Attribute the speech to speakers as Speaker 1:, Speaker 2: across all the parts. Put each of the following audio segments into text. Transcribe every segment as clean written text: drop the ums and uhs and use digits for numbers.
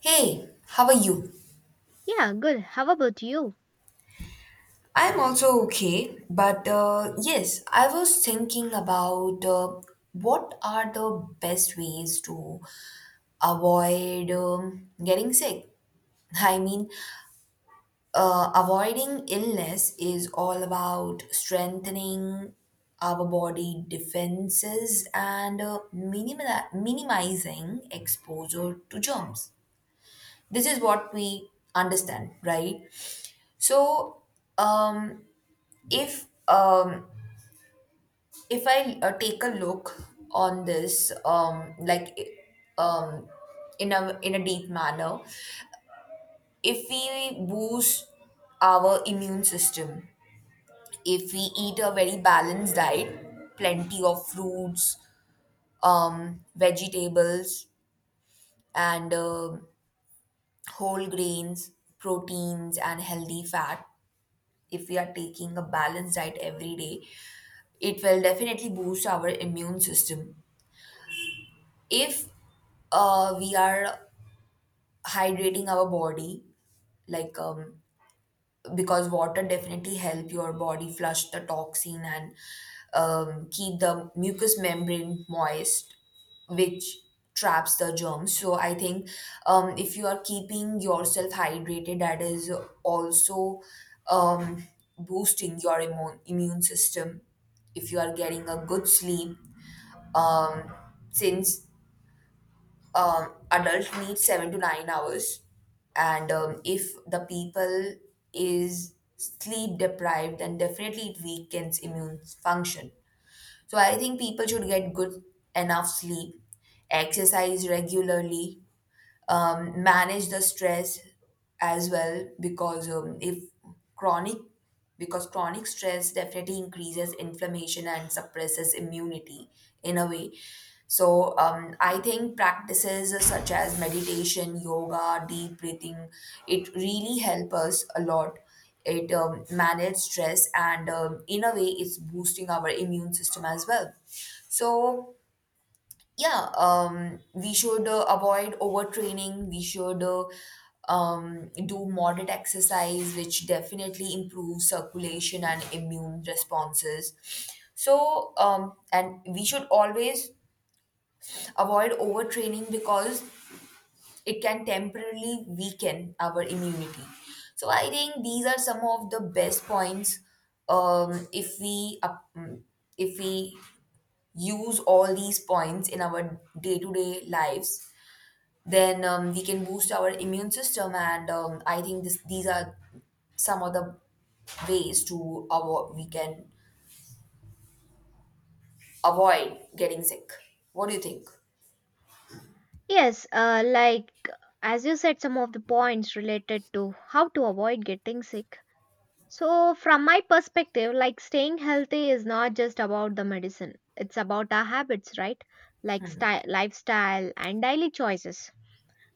Speaker 1: Hey, how are you?
Speaker 2: Yeah, good. How about you?
Speaker 1: I'm also okay, but yes, I was thinking about what are the best ways to avoid getting sick. I mean, avoiding illness is all about strengthening our body defenses and minimizing exposure to germs. This is what we understand, right? So, um, if um if I take a look on this um in a deep manner. If we boost our immune system, if we eat a very balanced diet, plenty of fruits, vegetables, and whole grains, proteins and healthy fat, if we are taking a balanced diet every day, it will definitely boost our immune system. If we are hydrating our body, like um, because water definitely help your body flush the toxin and keep the mucous membrane moist, which traps the germs. So I think, if you are keeping yourself hydrated, that is also um, boosting your immune system. If you are getting a good sleep, um, since adult needs 7 to 9 hours, and if the people is sleep deprived, then definitely it weakens immune function. So I think people should get good enough sleep, exercise regularly, manage the stress as well, because if chronic because chronic stress definitely increases inflammation and suppresses immunity in a way. So I think practices such as meditation, yoga, deep breathing, it really help us a lot. It manage stress and in a way it's boosting our immune system as well. So yeah um we should avoid overtraining. We should do moderate exercise, which definitely improves circulation and immune responses. So and we should always avoid overtraining, because it can temporarily weaken our immunity. So I think these are some of the best points. Um if we up- if we use all these points in our day-to-day lives, then we can boost our immune system. And I think these are some of the ways to avoid, we can avoid getting sick. What do you think?
Speaker 2: Yes, like as you said, some of the points related to how to avoid getting sick. So, from my perspective, like staying healthy is not just about the medicine, it's about our habits, right? Like style, lifestyle, and daily choices.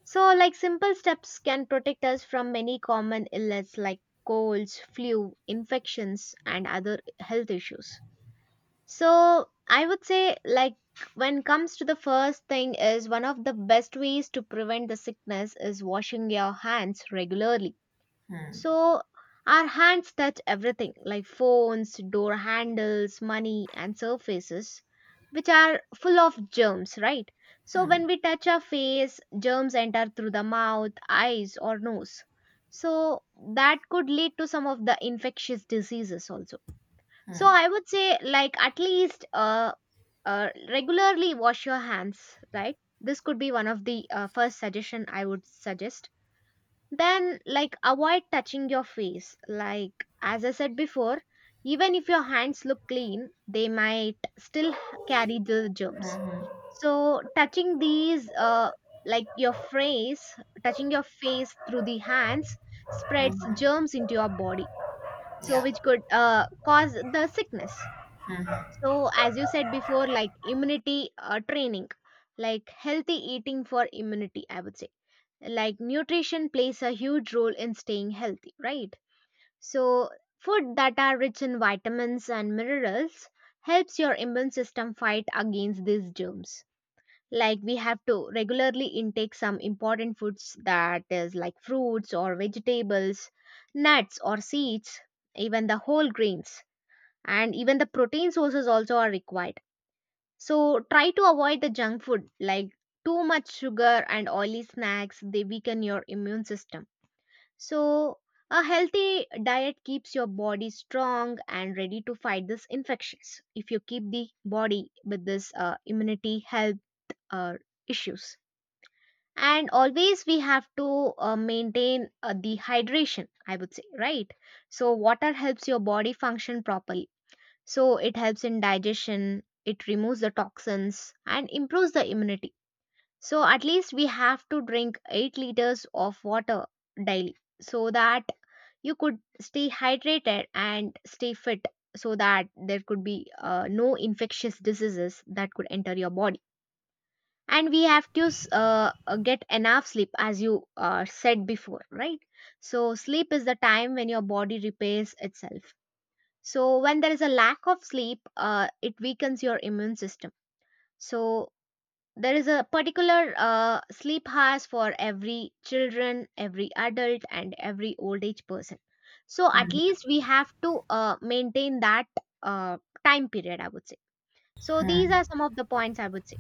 Speaker 2: So, like simple steps can protect us from many common illness like colds, flu, infections, and other health issues. So I would say like when comes to the first thing is one of the best ways to prevent the sickness is washing your hands regularly. So our hands touch everything like phones, door handles, money and surfaces which are full of germs, right? So when we touch our face, germs enter through the mouth, eyes or nose. So that could lead to some of the infectious diseases also, so I would say, like, at least regularly wash your hands, right? This could be one of the first suggestion I would suggest. Then, like, avoid touching your face. Like, as I said before, even if your hands look clean, they might carry the germs. So, touching these, like your face, touching your face through the hands spreads germs into your body. So,
Speaker 1: Yeah.
Speaker 2: which could cause the sickness. So, as you said before, like immunity training, like healthy eating for immunity, I would say. Like nutrition plays a huge role in staying healthy, right? So, food that are rich in vitamins and minerals helps your immune system fight against these germs. Like we have to regularly intake some important foods that is like fruits or vegetables, nuts or seeds, even the whole grains, and even the protein sources also are required, so try to avoid the junk food like too much sugar and oily snacks, they weaken your immune system. So a healthy diet keeps your body strong and ready to fight this infections if you keep the body with this immunity health uh, issues. And always we have to maintain the hydration, I would say, right? So water helps your body function properly, so it helps in digestion, it removes the toxins and improves the immunity. So at least we have to drink 8 liters of water daily so that you could stay hydrated and stay fit so that there could be no infectious diseases that could enter your body. And we have to get enough sleep as you said before, right? So sleep is the time when your body repairs itself, so when there is a lack of sleep, it weakens your immune system. So, there is a particular sleep hours for every children, every adult, and every old age person. So, at
Speaker 1: Mm.
Speaker 2: least we have to maintain that uh, time period, I would say. So, these are some of the points I would say.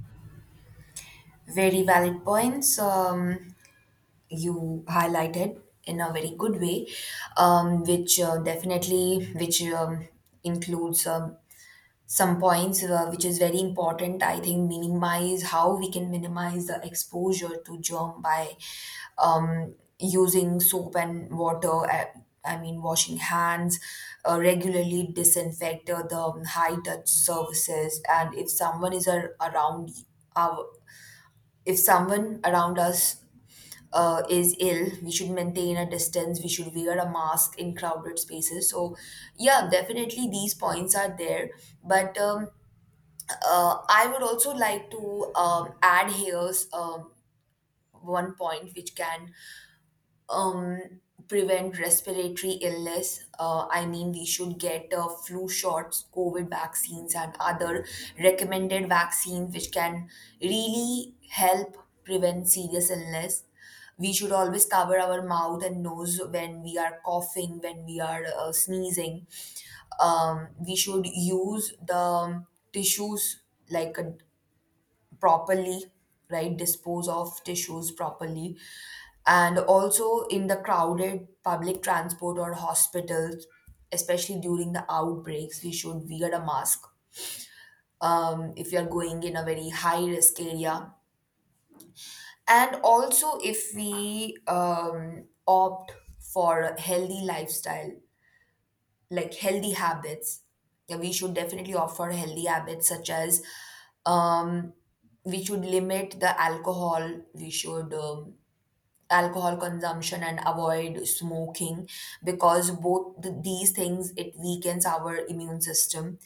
Speaker 1: Very valid points. You highlighted in a very good way which definitely which includes some points which is very important. I think minimize, how we can minimize the exposure to germ, by using soap and water, I mean washing hands regularly, disinfect the high touch surfaces. And if someone is ar- around our if someone around us is ill, we should maintain a distance, we should wear a mask in crowded spaces. So yeah, definitely these points are there. But I would also like to add here's one point which can um, prevent respiratory illness. I mean, we should get flu shots, COVID vaccines, and other recommended vaccines which can really help prevent serious illness. We should always cover our mouth and nose when we are coughing, when we are sneezing. We should use the tissues like a properly, right? Dispose of tissues properly. And also in the crowded public transport or hospitals, especially during the outbreaks, we should wear a mask if you're going in a very high risk area. And also if we opt for a healthy lifestyle, like healthy habits. Yeah, we should definitely offer healthy habits such as, um we should limit the alcohol, we should alcohol consumption and avoid smoking, because both these things, it weakens our immune system.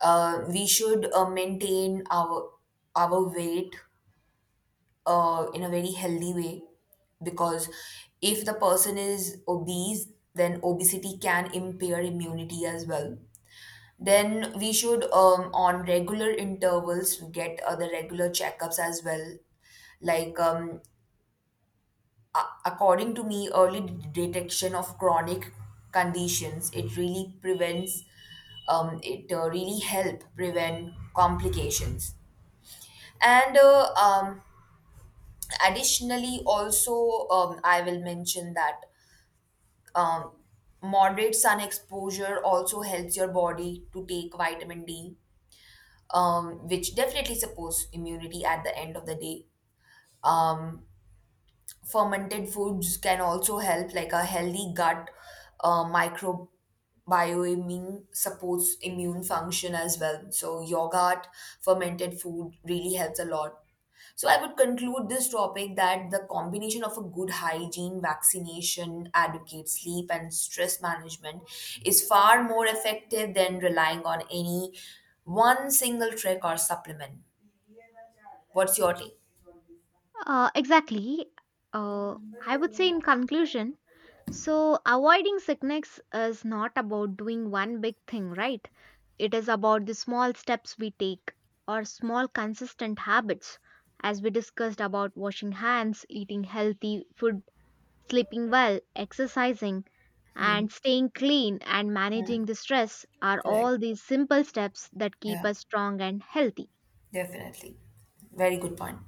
Speaker 1: We should maintain our weight in a very healthy way, because if the person is obese, then obesity can impair immunity as well. Then we should, on regular intervals, get the regular checkups as well. Like, according to me, early detection of chronic conditions, it really prevents, it really help prevent complications. And additionally, also, I will mention that um, moderate sun exposure also helps your body to take vitamin D, which definitely supports immunity at the end of the day. Um, Fermented foods can also help, like a healthy gut microbiome supports immune function as well. So yogurt, fermented food really helps a lot. So I would conclude this topic that the combination of a good hygiene, vaccination, adequate sleep and stress management is far more effective than relying on any one single trick or supplement. What's your take?
Speaker 2: Exactly. Uh, I would say in conclusion, so avoiding sickness is not about doing one big thing, right? It is about the small steps we take or small consistent habits, as we discussed, about washing hands, eating healthy food, sleeping well, exercising,
Speaker 1: Hmm.
Speaker 2: and staying clean and
Speaker 1: Hmm.
Speaker 2: managing the stress are
Speaker 1: Correct.
Speaker 2: all these simple steps that keep
Speaker 1: Yeah.
Speaker 2: us strong and healthy.
Speaker 1: Definitely. Very good point.